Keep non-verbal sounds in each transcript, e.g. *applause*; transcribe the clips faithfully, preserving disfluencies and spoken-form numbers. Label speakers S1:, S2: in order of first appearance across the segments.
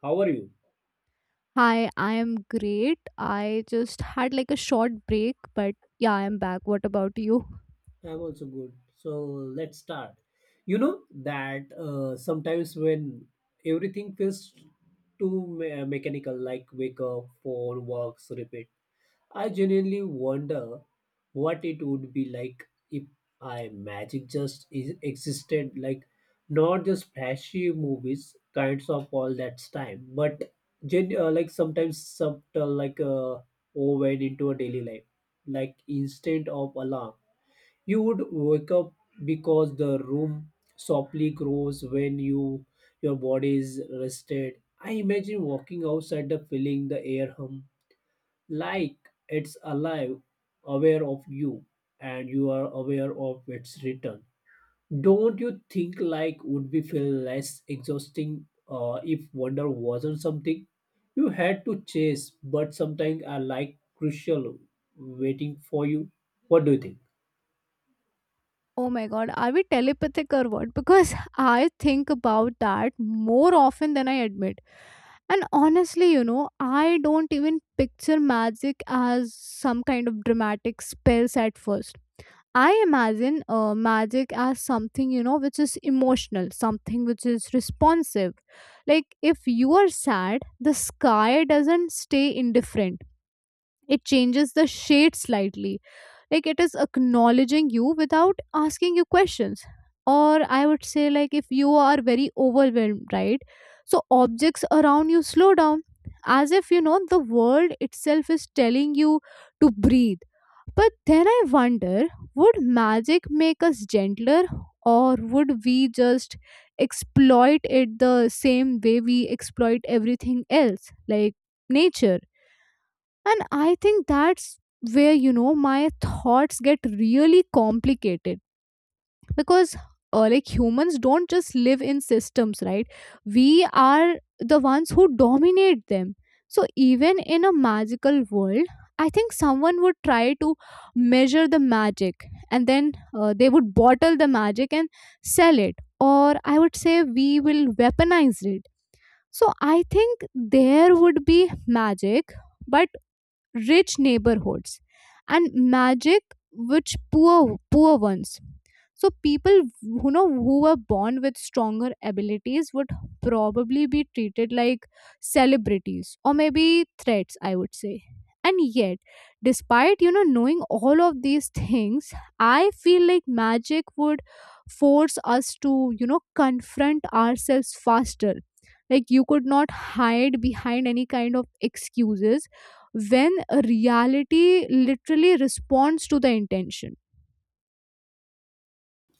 S1: How are you?
S2: Hi, I am great. I just had like a short break, but yeah, I am back. What about you?
S1: I'm also good. So let's start. You know that uh, sometimes when everything feels too me- uh, mechanical, like wake up, phone, works, repeat, I genuinely wonder what it would be like if I magic just is- existed, like not just flashy movies, kinds of all that time, but gen- uh, like sometimes subtle, like uh, woven into a daily life, like instant of alarm. You would wake up because the room softly grows when you your body is rested. I imagine walking outside the feeling the air hum like it's alive, aware of you, and you are aware of its return. Don't you think like would be feel less exhausting uh, if wonder wasn't something you had to chase, but sometimes are like crucial waiting for you? What do you think?
S2: Oh my god, are we telepathic or what? Because *laughs* I think about that more often than I admit. And honestly, you know, I don't even picture magic as some kind of dramatic spells at first. I imagine uh, magic as something, you know, which is emotional, something which is responsive. Like if you are sad, the sky doesn't stay indifferent. It changes the shade slightly. Like it is acknowledging you without asking you questions. Or I would say, like, if you are very overwhelmed, right? So objects around you slow down as if, you know, the world itself is telling you to breathe, but then I wonder, would magic make us gentler, or would we just exploit it the same way we exploit everything else, like nature? And I think that's where, you know, my thoughts get really complicated because uh, like humans don't just live in systems, right? We are the ones who dominate them. So even in a magical world, I think someone would try to measure the magic, and then uh, they would bottle the magic and sell it, or I would say we will weaponize it. So I think there would be magic, but rich neighborhoods and magic which poor poor ones. So people who know who were born with stronger abilities would probably be treated like celebrities or maybe threats, I would say. And yet, despite you know knowing all of these things, I feel like magic would force us to you know confront ourselves faster. Like you could not hide behind any kind of excuses when reality literally responds to the intention.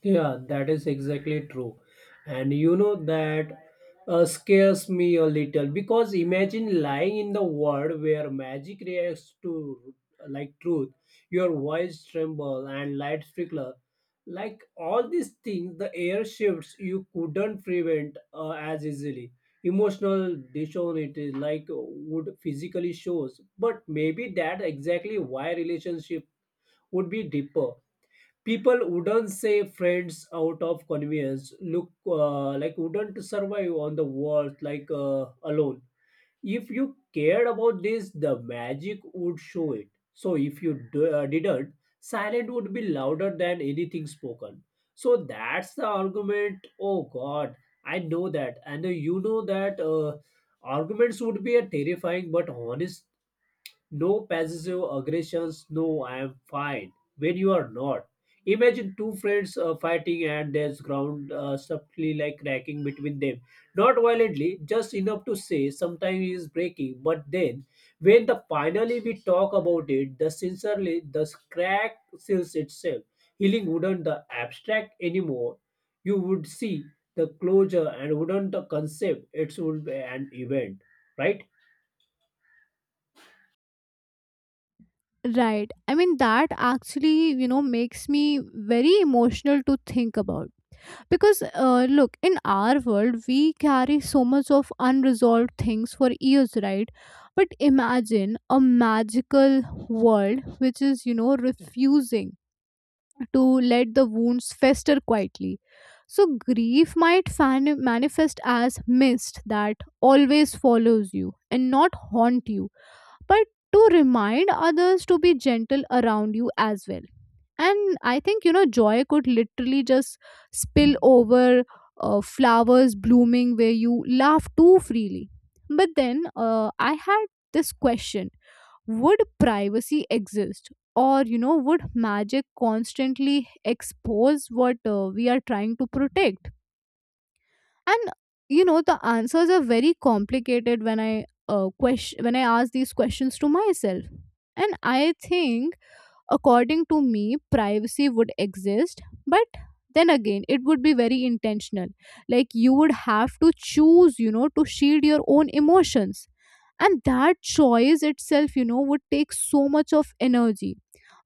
S1: Yeah, that is exactly true. And you know that uh, scares me a little because imagine lying in the world where magic reacts to like truth, your voice tremble and light flicker. Like all these things, the air shifts you couldn't prevent uh, as easily. Emotional dishonesty like would physically shows, but maybe that exactly why relationship would be deeper. People wouldn't say friends out of convenience look uh, like wouldn't survive on the world like uh, alone. If you cared about this, the magic would show it, so if you d- uh, didn't, silent would be louder than anything spoken. So that's the argument. Oh god, I know that, and uh, you know that uh, arguments would be a terrifying but honest. No passive aggressions. No, I am fine. When you are not. Imagine two friends uh, fighting and there's ground uh, subtly like cracking between them. Not violently, just enough to say sometimes it's breaking. But then, when the finally we talk about it, the sincerely the crack seals itself. Healing wouldn't the abstract anymore. You would see the closure and wouldn't the concept. It would be an event, right?
S2: Right, I mean that actually you know makes me very emotional to think about because uh, look, in our world we carry so much of unresolved things for years, right? But imagine a magical world which is you know refusing to let the wounds fester quietly. So, grief might fan- manifest as mist that always follows you and not haunt you, but to remind others to be gentle around you as well. And I think, you know, joy could literally just spill over, uh, flowers blooming where you laugh too freely. But then uh, I had this question, would privacy exist, or you know would magic constantly expose what uh, we are trying to protect? And you know the answers are very complicated when i uh, question when i ask these questions to myself. And I think, according to me, privacy would exist, but then again, it would be very intentional. Like you would have to choose, you know to shield your own emotions, and that choice itself, you know would take so much of energy,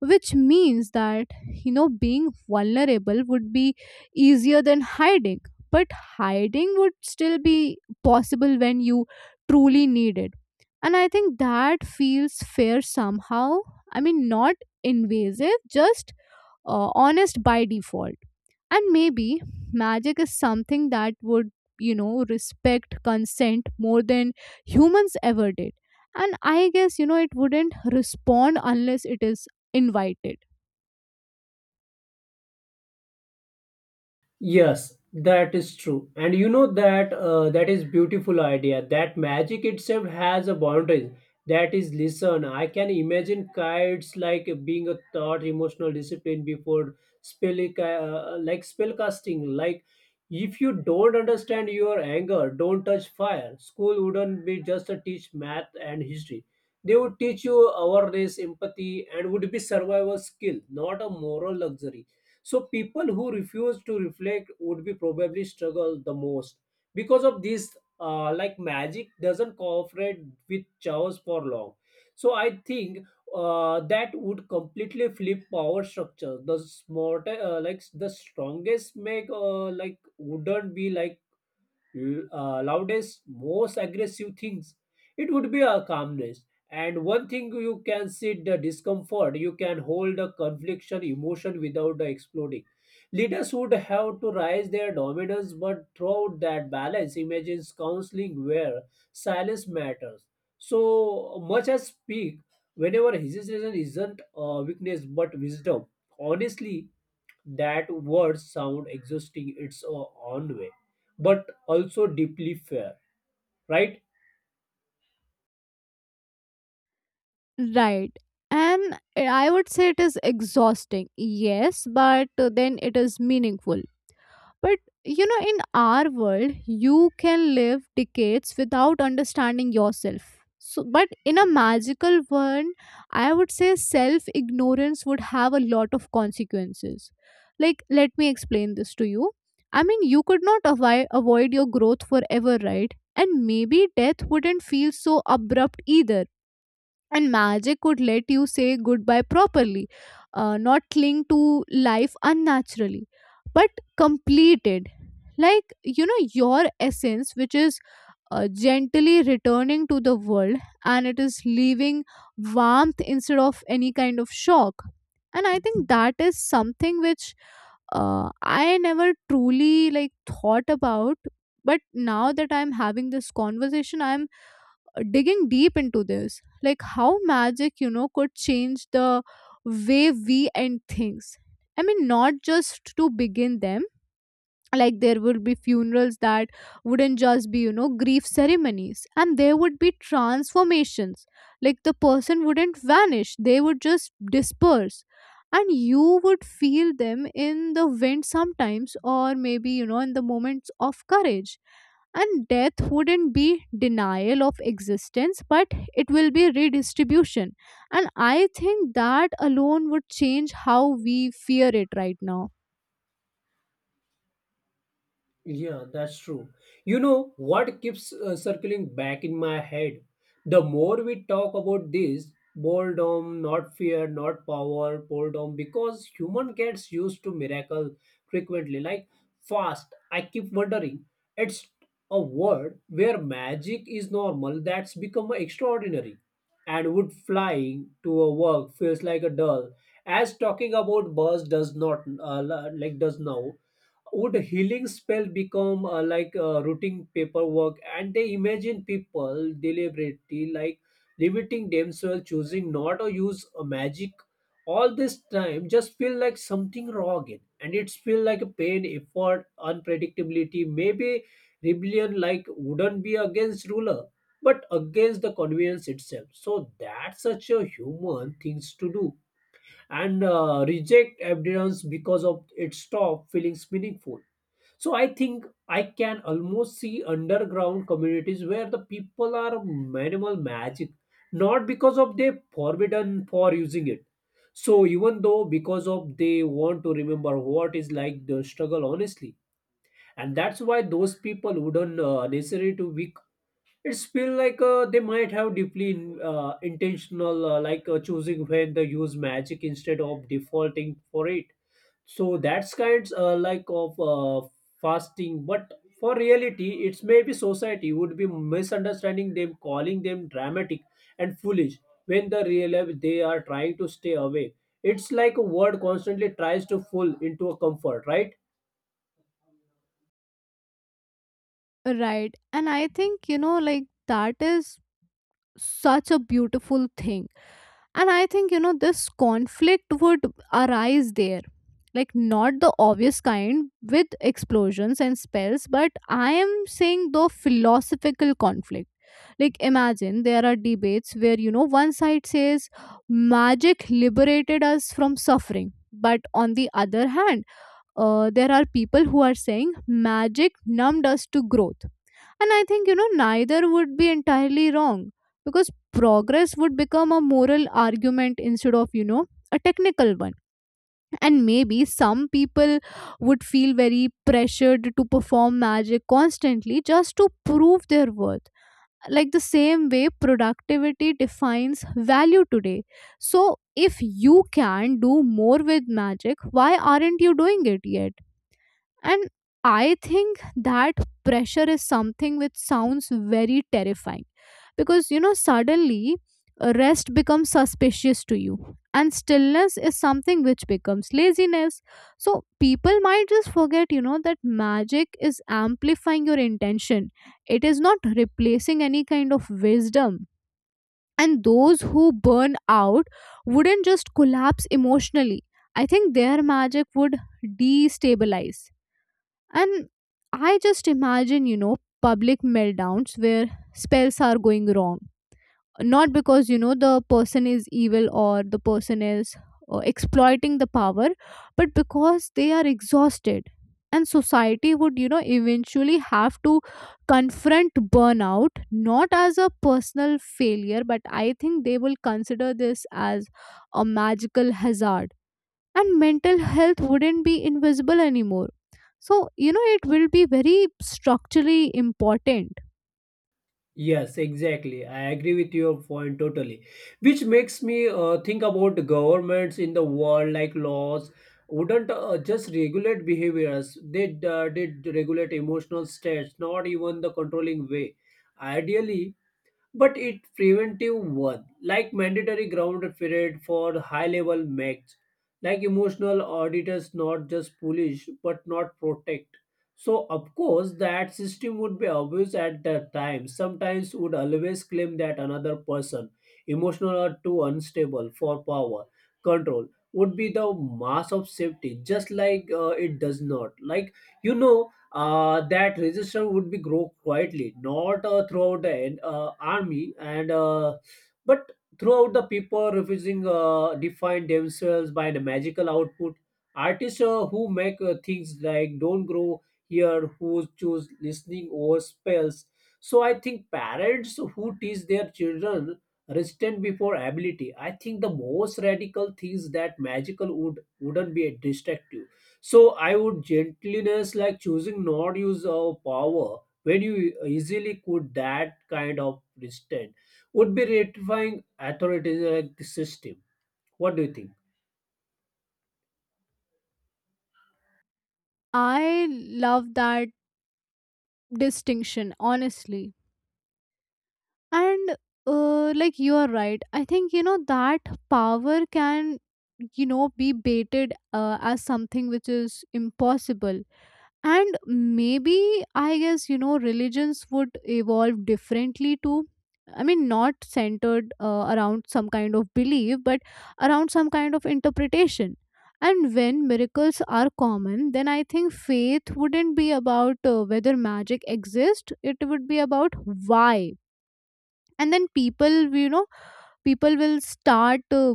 S2: which means that, you know being vulnerable would be easier than hiding, but hiding would still be possible when you truly need it. And I think that feels fair somehow. I mean, not invasive, just uh, honest by default. And maybe magic is something that would, you know, respect consent more than humans ever did. And I guess, you know, it wouldn't respond unless it is invited.
S1: Yes, that is true. And you know that uh, that is beautiful idea. That magic itself has a boundary. That is listen. I can imagine kites like being a thought emotional discipline before spell uh, like spell casting. Like if you don't understand your anger, don't touch fire. School wouldn't be just a teach math and history. They would teach you awareness, empathy, and would be survival skill, not a moral luxury. So people who refuse to reflect would be probably struggle the most because of this. Uh, like magic doesn't cooperate with chaos for long. So I think uh, that would completely flip power structure. The smarter, uh, like the strongest, make uh, like wouldn't be like l- uh, loudest, most aggressive things, it would be a calmness. And one thing you can sit the discomfort, you can hold a confliction emotion without the exploding. Leaders would have to rise their dominance, but throughout that balance, imagines counseling where silence matters. So much as speak, whenever hesitation isn't a weakness but wisdom. Honestly, that words sound exhausting its own way but also deeply fair, right?
S2: Right. And I would say it is exhausting, yes, but then it is meaningful. But you know, in our world, you can live decades without understanding yourself. So, but in a magical world, I would say self ignorance would have a lot of consequences. Like, let me explain this to you. I mean, you could not avoid, avoid your growth forever, right? And maybe death wouldn't feel so abrupt either, and magic could let you say goodbye properly, uh, not cling to life unnaturally, but completed. Like, you know, your essence, which is uh, gently returning to the world, and it is leaving warmth instead of any kind of shock. And I think that is something which uh, I never truly like thought about. But now that I'm having this conversation, I'm uh, digging deep into this, like how magic you know could change the way we end things. I mean, not just to begin them. Like there would be funerals that wouldn't just be, you know grief ceremonies, and there would be transformations. Like the person wouldn't vanish, they would just disperse. And you would feel them in the wind sometimes, or maybe, you know in the moments of courage. And death wouldn't be denial of existence, but it will be redistribution. And I think that alone would change how we fear it right now.
S1: Yeah, that's true. You know what keeps uh, circling back in my head? The more we talk about this, boredom, not fear, not power, boredom, because human gets used to miracle frequently, like fast. I keep wondering, it's a word where magic is normal that's become extraordinary, and would flying to a work feels like a dull, as talking about bus does not uh, like does now. Would healing spell become uh, like uh, routine paperwork? And they imagine people deliberately like limiting themselves choosing not to use a magic all this time just feel like something wrong again, and it's feel like a pain effort unpredictability maybe rebellion like wouldn't be against ruler but against the convenience itself. So that's such a human things to do, and uh, reject evidence because of it stop feelings meaningful. So I think I can almost see underground communities where the people are minimal magic, not because of they forbidden for using it. So even though because of they want to remember what is like the struggle honestly, and that's why those people wouldn't uh, necessarily to weak. It's feel like uh, they might have deeply uh, intentional, uh, like uh, choosing when they use magic instead of defaulting for it. So that's kinds uh, like of uh, fasting, but for reality, it's maybe society would be misunderstanding them, calling them dramatic and foolish when the real life they are trying to stay away. It's like a word constantly tries to fool into a comfort, right?
S2: Right, and I think, you know like that is such a beautiful thing. And I think, you know, this conflict would arise there. Like, not the obvious kind with explosions and spells, but I am saying the philosophical conflict. Like, imagine there are debates where, you know, one side says magic liberated us from suffering. But on the other hand, uh, there are people who are saying magic numbed us to growth. And I think, you know, neither would be entirely wrong, because progress would become a moral argument instead of, you know, a technical one. And maybe some people would feel very pressured to perform magic constantly just to prove their worth, like the same way productivity defines value today. So if you can do more with magic, why aren't you doing it yet? And I think that pressure is something which sounds very terrifying, because you know, suddenly uh, rest becomes suspicious to you, and stillness is something which becomes laziness. So, people might just forget, you know, that magic is amplifying your intention, it is not replacing any kind of wisdom. And those who burn out wouldn't just collapse emotionally. I think their magic would destabilize. And I just imagine, you know, public meltdowns where spells are going wrong. Not because, you know, the person is evil or the person is uh, exploiting the power, but because they are exhausted. And society would, you know, eventually have to confront burnout not as a personal failure, but I think they will consider this as a magical hazard. And mental health wouldn't be invisible anymore, so you know it will be very structurally important.
S1: Yes, exactly. I agree with your point totally. Which makes me uh, think about the governments in the world, like laws, wouldn't uh, just regulate behaviors. They uh, did regulate emotional states, not even the controlling way. Ideally, but it preventive one like mandatory ground period for high level match, like emotional auditors not just polish but not protect. So of course that system would be abused at that time, sometimes would always claim that another person emotional or too unstable for power control would be the mass of safety just like uh, it does not like, you know, uh, that resistance would be grow quietly, not uh, throughout the en- uh, army, and uh, but throughout the people refusing uh, define themselves by the magical output. Artists uh, who make uh, things like don't grow here, who choose listening over spells. So I think parents who teach their children restraint before ability. I think the most radical things that magical would wouldn't be destructive. So I would gentleness like choosing not use of power when you easily could that kind of restraint would be ratifying authoritarian system. What do you think?
S2: I love that distinction, honestly. And uh, like you are right. I think, you know that power can, you know be baited uh, as something which is impossible. And maybe, I guess, you know religions would evolve differently too. I mean, not centered uh, around some kind of belief, but around some kind of interpretation. And when miracles are common, then I think faith wouldn't be about uh, whether magic exists, it would be about why. And then people, you know people will start uh,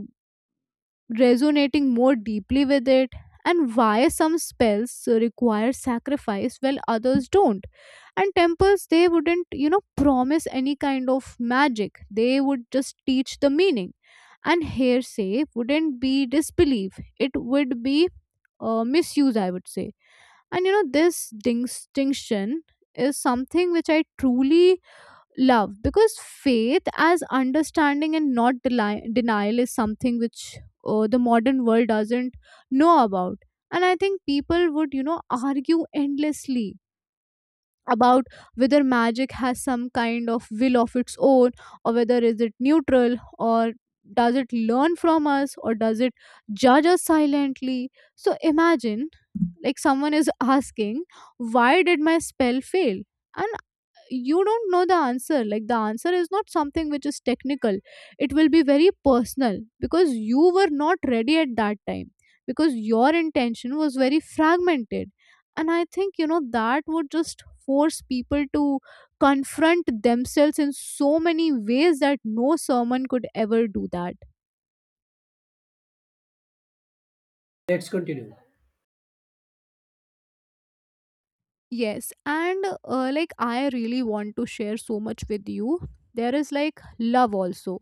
S2: resonating more deeply with it, and why some spells require sacrifice while others don't. And temples, they wouldn't, you know promise any kind of magic, they would just teach the meaning. And hearsay wouldn't be disbelief, it would be uh, misuse, I would say. And you know this distinction is something which I truly love, because faith as understanding and not deli- denial is something which uh, the modern world doesn't know about. And I think people would, you know argue endlessly about whether magic has some kind of will of its own, or whether is it neutral, or does it learn from us, or does it judge us silently. So imagine like someone is asking, why did my spell fail? And you don't know the answer. Like the answer is not something which is technical, it will be very personal, because you were not ready at that time, because your intention was very fragmented. And I think, you know that would just force people to confront themselves in so many ways that no sermon could ever do that.
S1: Let's continue.
S2: Yes, and uh, like I really want to share so much with you. There is like love also.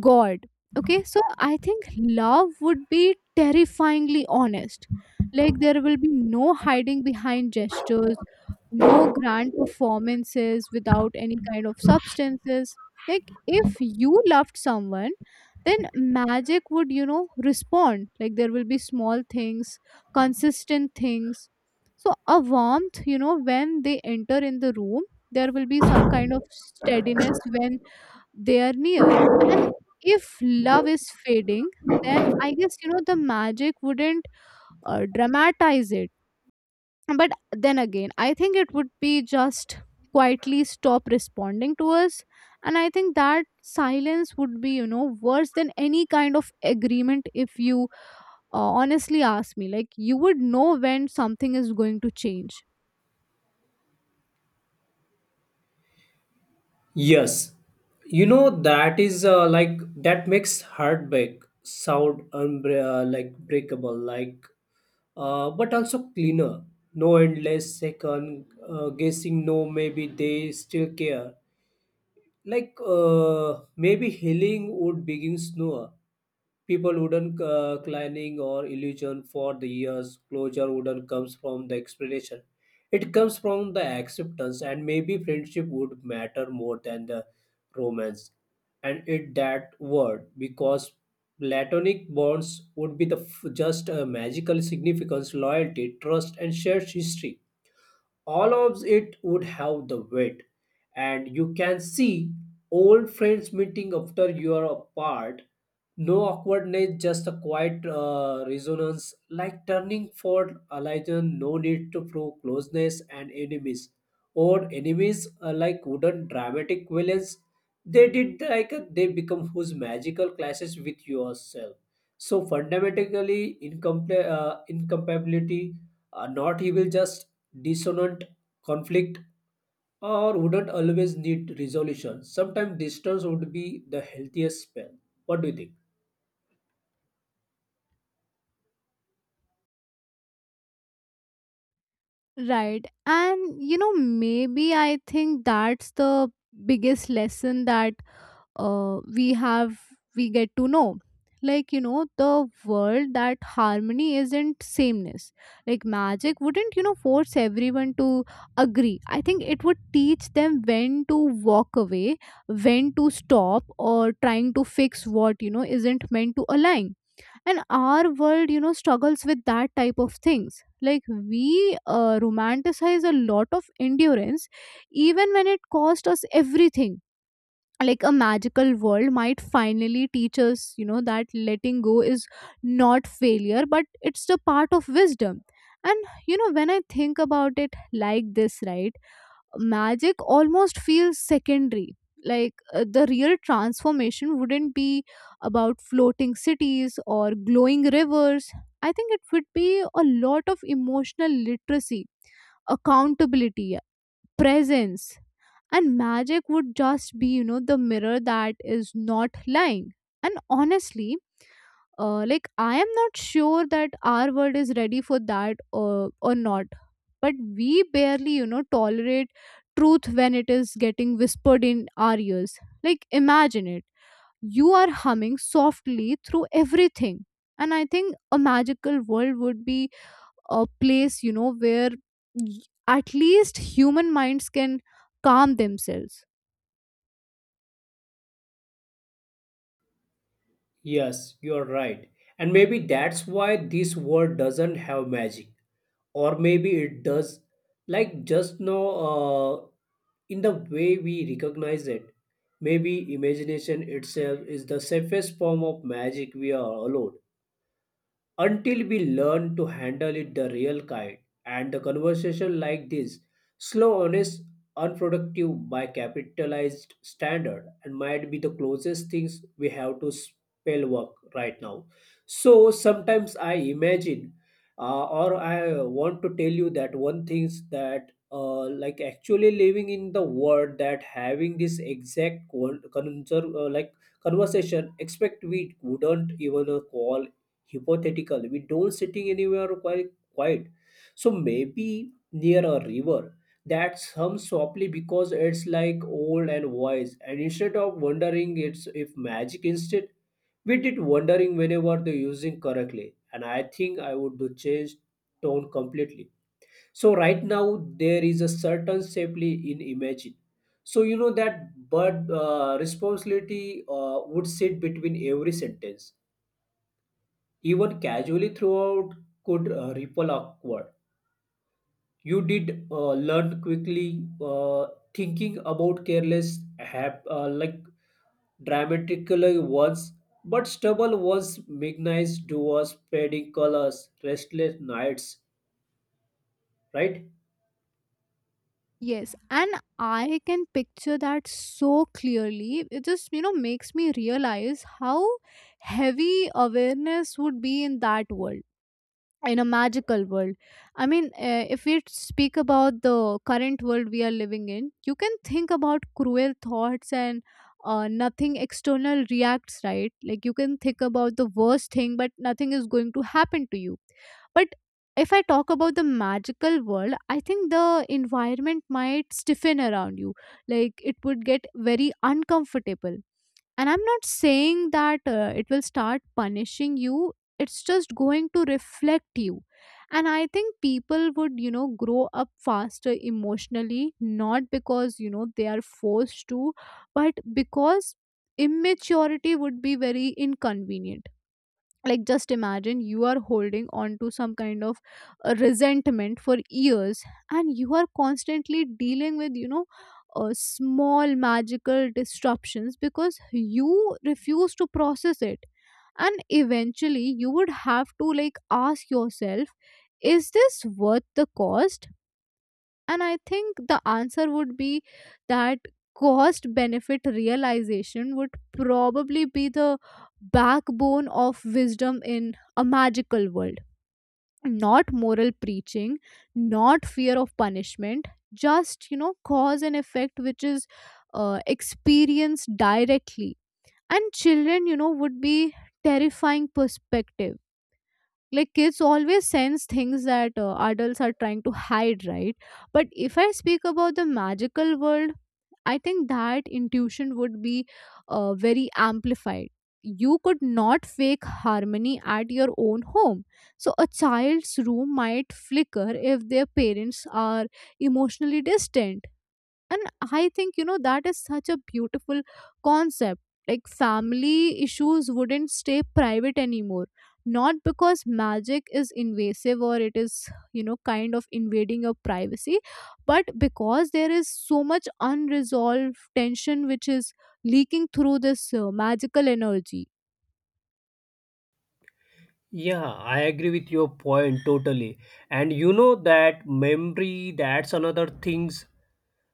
S2: God. Okay, so I think love would be terrifyingly honest. Like, there will be no hiding behind gestures, no grand performances without any kind of substances. Like, if you loved someone, then magic would, you know, respond. Like, there will be small things, consistent things. So, a warmth, you know, when they enter in the room, there will be some kind of steadiness when they are near. And if love is fading, then I guess you know the magic wouldn't uh, dramatize it, but then again I think it would be just quietly stop responding to us. And I think that silence would be you know worse than any kind of agreement if you, uh, honestly ask me. Like, you would know when something is going to change.
S1: Yes, you know that is uh, like that makes heartbreak sound unbre- uh, like breakable, like uh, but also cleaner. No endless second uh, guessing. No, maybe they still care. Like uh, maybe healing would begin sooner. People wouldn't uh, climbing or illusion for the years. Closure wouldn't comes from the explanation. It comes from the acceptance, and maybe friendship would matter more than the romance. And it that word because platonic bonds would be the f- just a magical significance, loyalty, trust, and shared history, all of it would have the weight. And you can see old friends meeting after you are apart, no awkwardness, just a quiet uh, resonance like turning for alliance, no need to prove closeness. And enemies or enemies uh, like wouldn't dramatic villains, they did like uh, they become whose magical clashes with yourself, so fundamentally incomple- uh, incompatibility, uh, not he will just dissonant conflict, or wouldn't always need resolution. Sometimes distance would be the healthiest spell. What do you think?
S2: Right, and you know, maybe I think that's the biggest lesson that uh, we have we get to know, like, you know, the world, that harmony isn't sameness. Like, magic wouldn't, you know, force everyone to agree. I think it would teach them when to walk away, when to stop or trying to fix what, you know, isn't meant to align. And our world, you know, struggles with that type of things. Like, we uh, romanticize a lot of endurance even when it cost us everything. Like, a magical world might finally teach us, you know, that letting go is not failure, but it's the part of wisdom. And you know, when I think about it like this, right, magic almost feels secondary. Like, uh, the real transformation wouldn't be about floating cities or glowing rivers. I think it would be a lot of emotional literacy, accountability, presence. And magic would just be, you know, the mirror that is not lying. And honestly, uh, like, I am not sure that our world is ready for that or, or not. But we barely, you know, tolerate truth when it is getting whispered in our ears. Like, imagine it, you are humming softly through everything. And I think a magical world would be a place, you know, where y- at least human minds can calm themselves.
S1: Yes, you are right. And maybe that's why this world doesn't have magic. Or maybe it does, like just now, uh, in the way we recognize it. Maybe imagination itself is the safest form of magic we are allowed, until we learn to handle it the real kind. And the conversation like this, slow honest unproductive by capitalized standard, and might be the closest things we have to spell work right now. So sometimes I imagine, uh, or I want to tell you that one things that uh, like actually living in the world that having this exact con- conser- uh, like conversation expect we wouldn't even uh, call hypothetical, we don't sitting anywhere quite quiet. So maybe near a river that hums softly because it's like old and wise, and instead of wondering it's if magic instead, we did wondering whenever they're using correctly. And I think I would do change tone completely. So right now there is a certain safely in imagine, so you know that, but uh, responsibility uh, would sit between every sentence, even casually throughout could uh, ripple awkward. You did uh, learn quickly, uh, thinking about careless, hap- uh, like dramatically once, but stubble was mechanized doers, fading colors, restless nights, right?
S2: Yes, and I can picture that so clearly. It just, you know, makes me realize how heavy awareness would be in that world, in a magical world. I mean, uh, if we speak about the current world we are living in, you can think about cruel thoughts and uh, nothing external reacts, right? Like, you can think about the worst thing but nothing is going to happen to you. But if I talk about the magical world, I think the environment might stiffen around you. Like, it would get very uncomfortable. And I'm not saying that uh, it will start punishing you, it's just going to reflect you. And I think people would, you know, grow up faster emotionally, not because, you know, they are forced to, but because immaturity would be very inconvenient. Like, just imagine you are holding on to some kind of uh, resentment for years, and you are constantly dealing with, you know, uh, small magical disruptions because you refuse to process it. And eventually you would have to, like, ask yourself, is this worth the cost? And I think the answer would be that cost benefit realization would probably be the backbone of wisdom in a magical world. Not moral preaching, not fear of punishment, just, you know, cause and effect, which is uh, experienced directly. And children, you know, would be terrifying perspective. Like, kids always sense things that uh, adults are trying to hide, right? But if I speak about the magical world, I think that intuition would be uh, very amplified. You could not fake harmony at your own home. So a child's room might flicker if their parents are emotionally distant. And I think, you know, that is such a beautiful concept. Like, family issues wouldn't stay private anymore, not because magic is invasive or it is, you know, kind of invading your privacy, but because there is so much unresolved tension which is leaking through this uh, magical energy.
S1: Yeah, I agree with your point totally. And you know that memory, that's another things.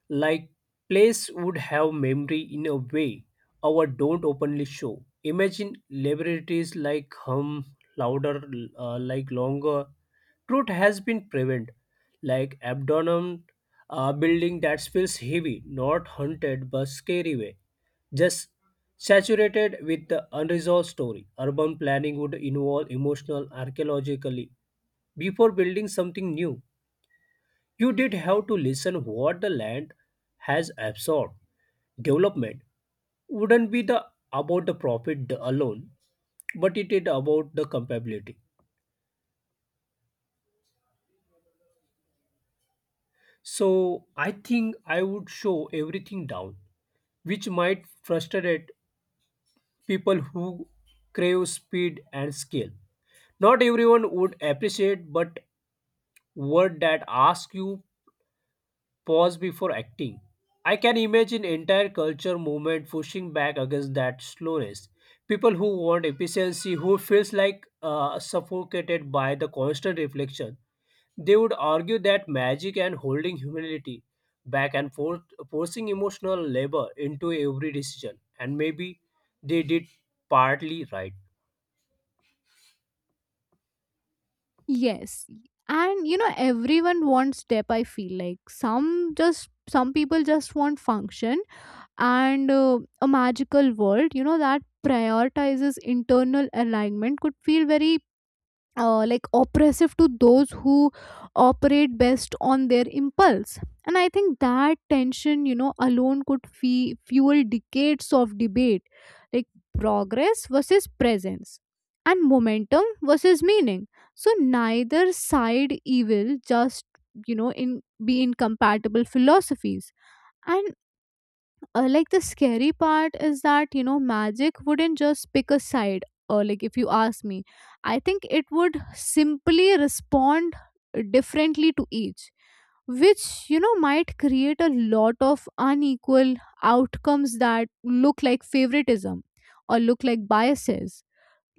S1: Like place would have memory in a way our don't openly show. Imagine liberties like hum louder, uh, like longer. Truth has been prevent, like abdomen, uh, building that feels heavy, not hunted but scary way. Just saturated with the unresolved story, urban planning would involve emotional archaeologically. Before building something new, you did have to listen what the land has absorbed. Development wouldn't be the about the profit alone, but it is about the compatibility. So I think I would show everything down, which might frustrate people who crave speed and scale. Not everyone would appreciate, but word that ask you pause before acting. I can imagine entire culture movement pushing back against that slowness. People who want efficiency, who feels like uh, suffocated by the constant reflection, they would argue that magic and holding humility back and forth, forcing emotional labor into every decision, and maybe they did partly right.
S2: Yes, and you know, everyone wants depth. I feel like some, just some people just want function. And uh, a magical world, you know, that prioritizes internal alignment could feel very uh, like oppressive to those who operate best on their impulse. And I think that tension, you know, alone could fe- fuel decades of debate. Like, progress versus presence, and momentum versus meaning. So neither side evil, just, you know, in be incompatible philosophies. And uh, like, the scary part is that, you know, magic wouldn't just pick a side. Or like, if you ask me, I think it would simply respond differently to each, which, you know, might create a lot of unequal outcomes that look like favoritism or look like biases.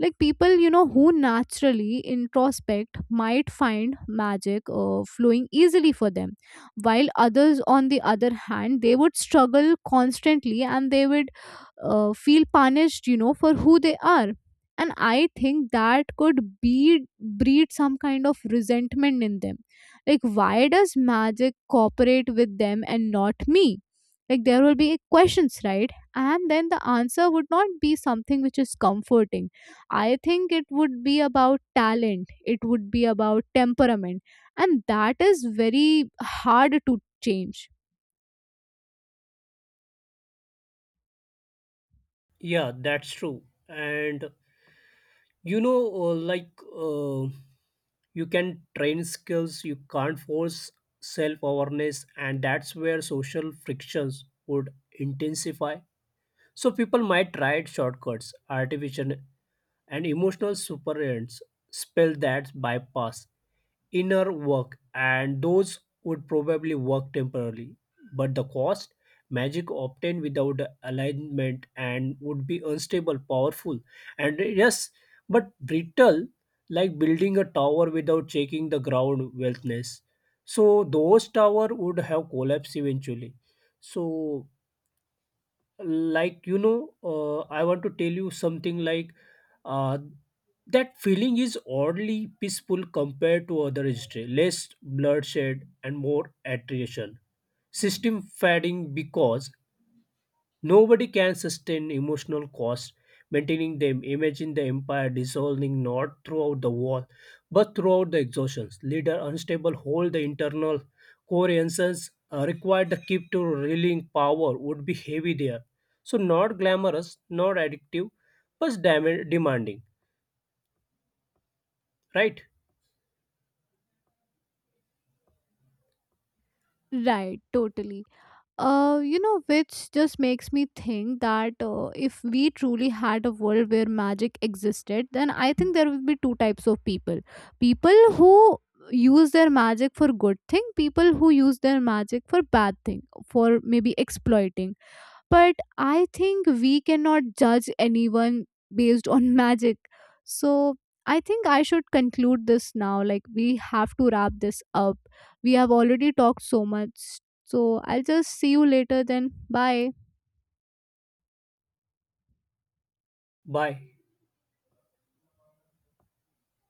S2: Like, people, you know, who naturally introspect might find magic uh, flowing easily for them, while others on the other hand, they would struggle constantly and they would uh, feel punished, you know, for who they are. And I think that could be breed some kind of resentment in them. Like, why does magic cooperate with them and not me? Like, there will be questions, right? And then the answer would not be something which is comforting. I think it would be about talent, it would be about temperament, and that is very hard to change.
S1: Yeah, that's true. And you know, uh, like uh, you can train skills, you can't force self awareness, and that's where social frictions would intensify. So people might try shortcuts, artificial and emotional superants, spell that bypass inner work, and those would probably work temporarily. But the cost, magic obtained without alignment and would be unstable, powerful, and yes, but brittle, like building a tower without checking the ground wealthness. So those tower would have collapsed eventually. So like you know uh, I want to tell you something like uh, that feeling is oddly peaceful compared to other history, less bloodshed and more attrition, system fading because nobody can sustain emotional costs, maintaining them. Imagine the empire dissolving not throughout the war, but throughout the exhaustions. Leader unstable hold the internal coherences uh, required to keep to reeling power would be heavy there. So not glamorous, not addictive, but dam- demanding. Right?
S2: Right, totally. Uh, you know, which just makes me think that uh, if we truly had a world where magic existed, then I think there would be two types of people. People who use their magic for good thing, people who use their magic for bad thing, for maybe exploiting. But I think we cannot judge anyone based on *laughs* magic. So I think I should conclude this now. Like, we have to wrap this up. We have already talked so much. So I'll just see you later then. Bye.
S1: Bye.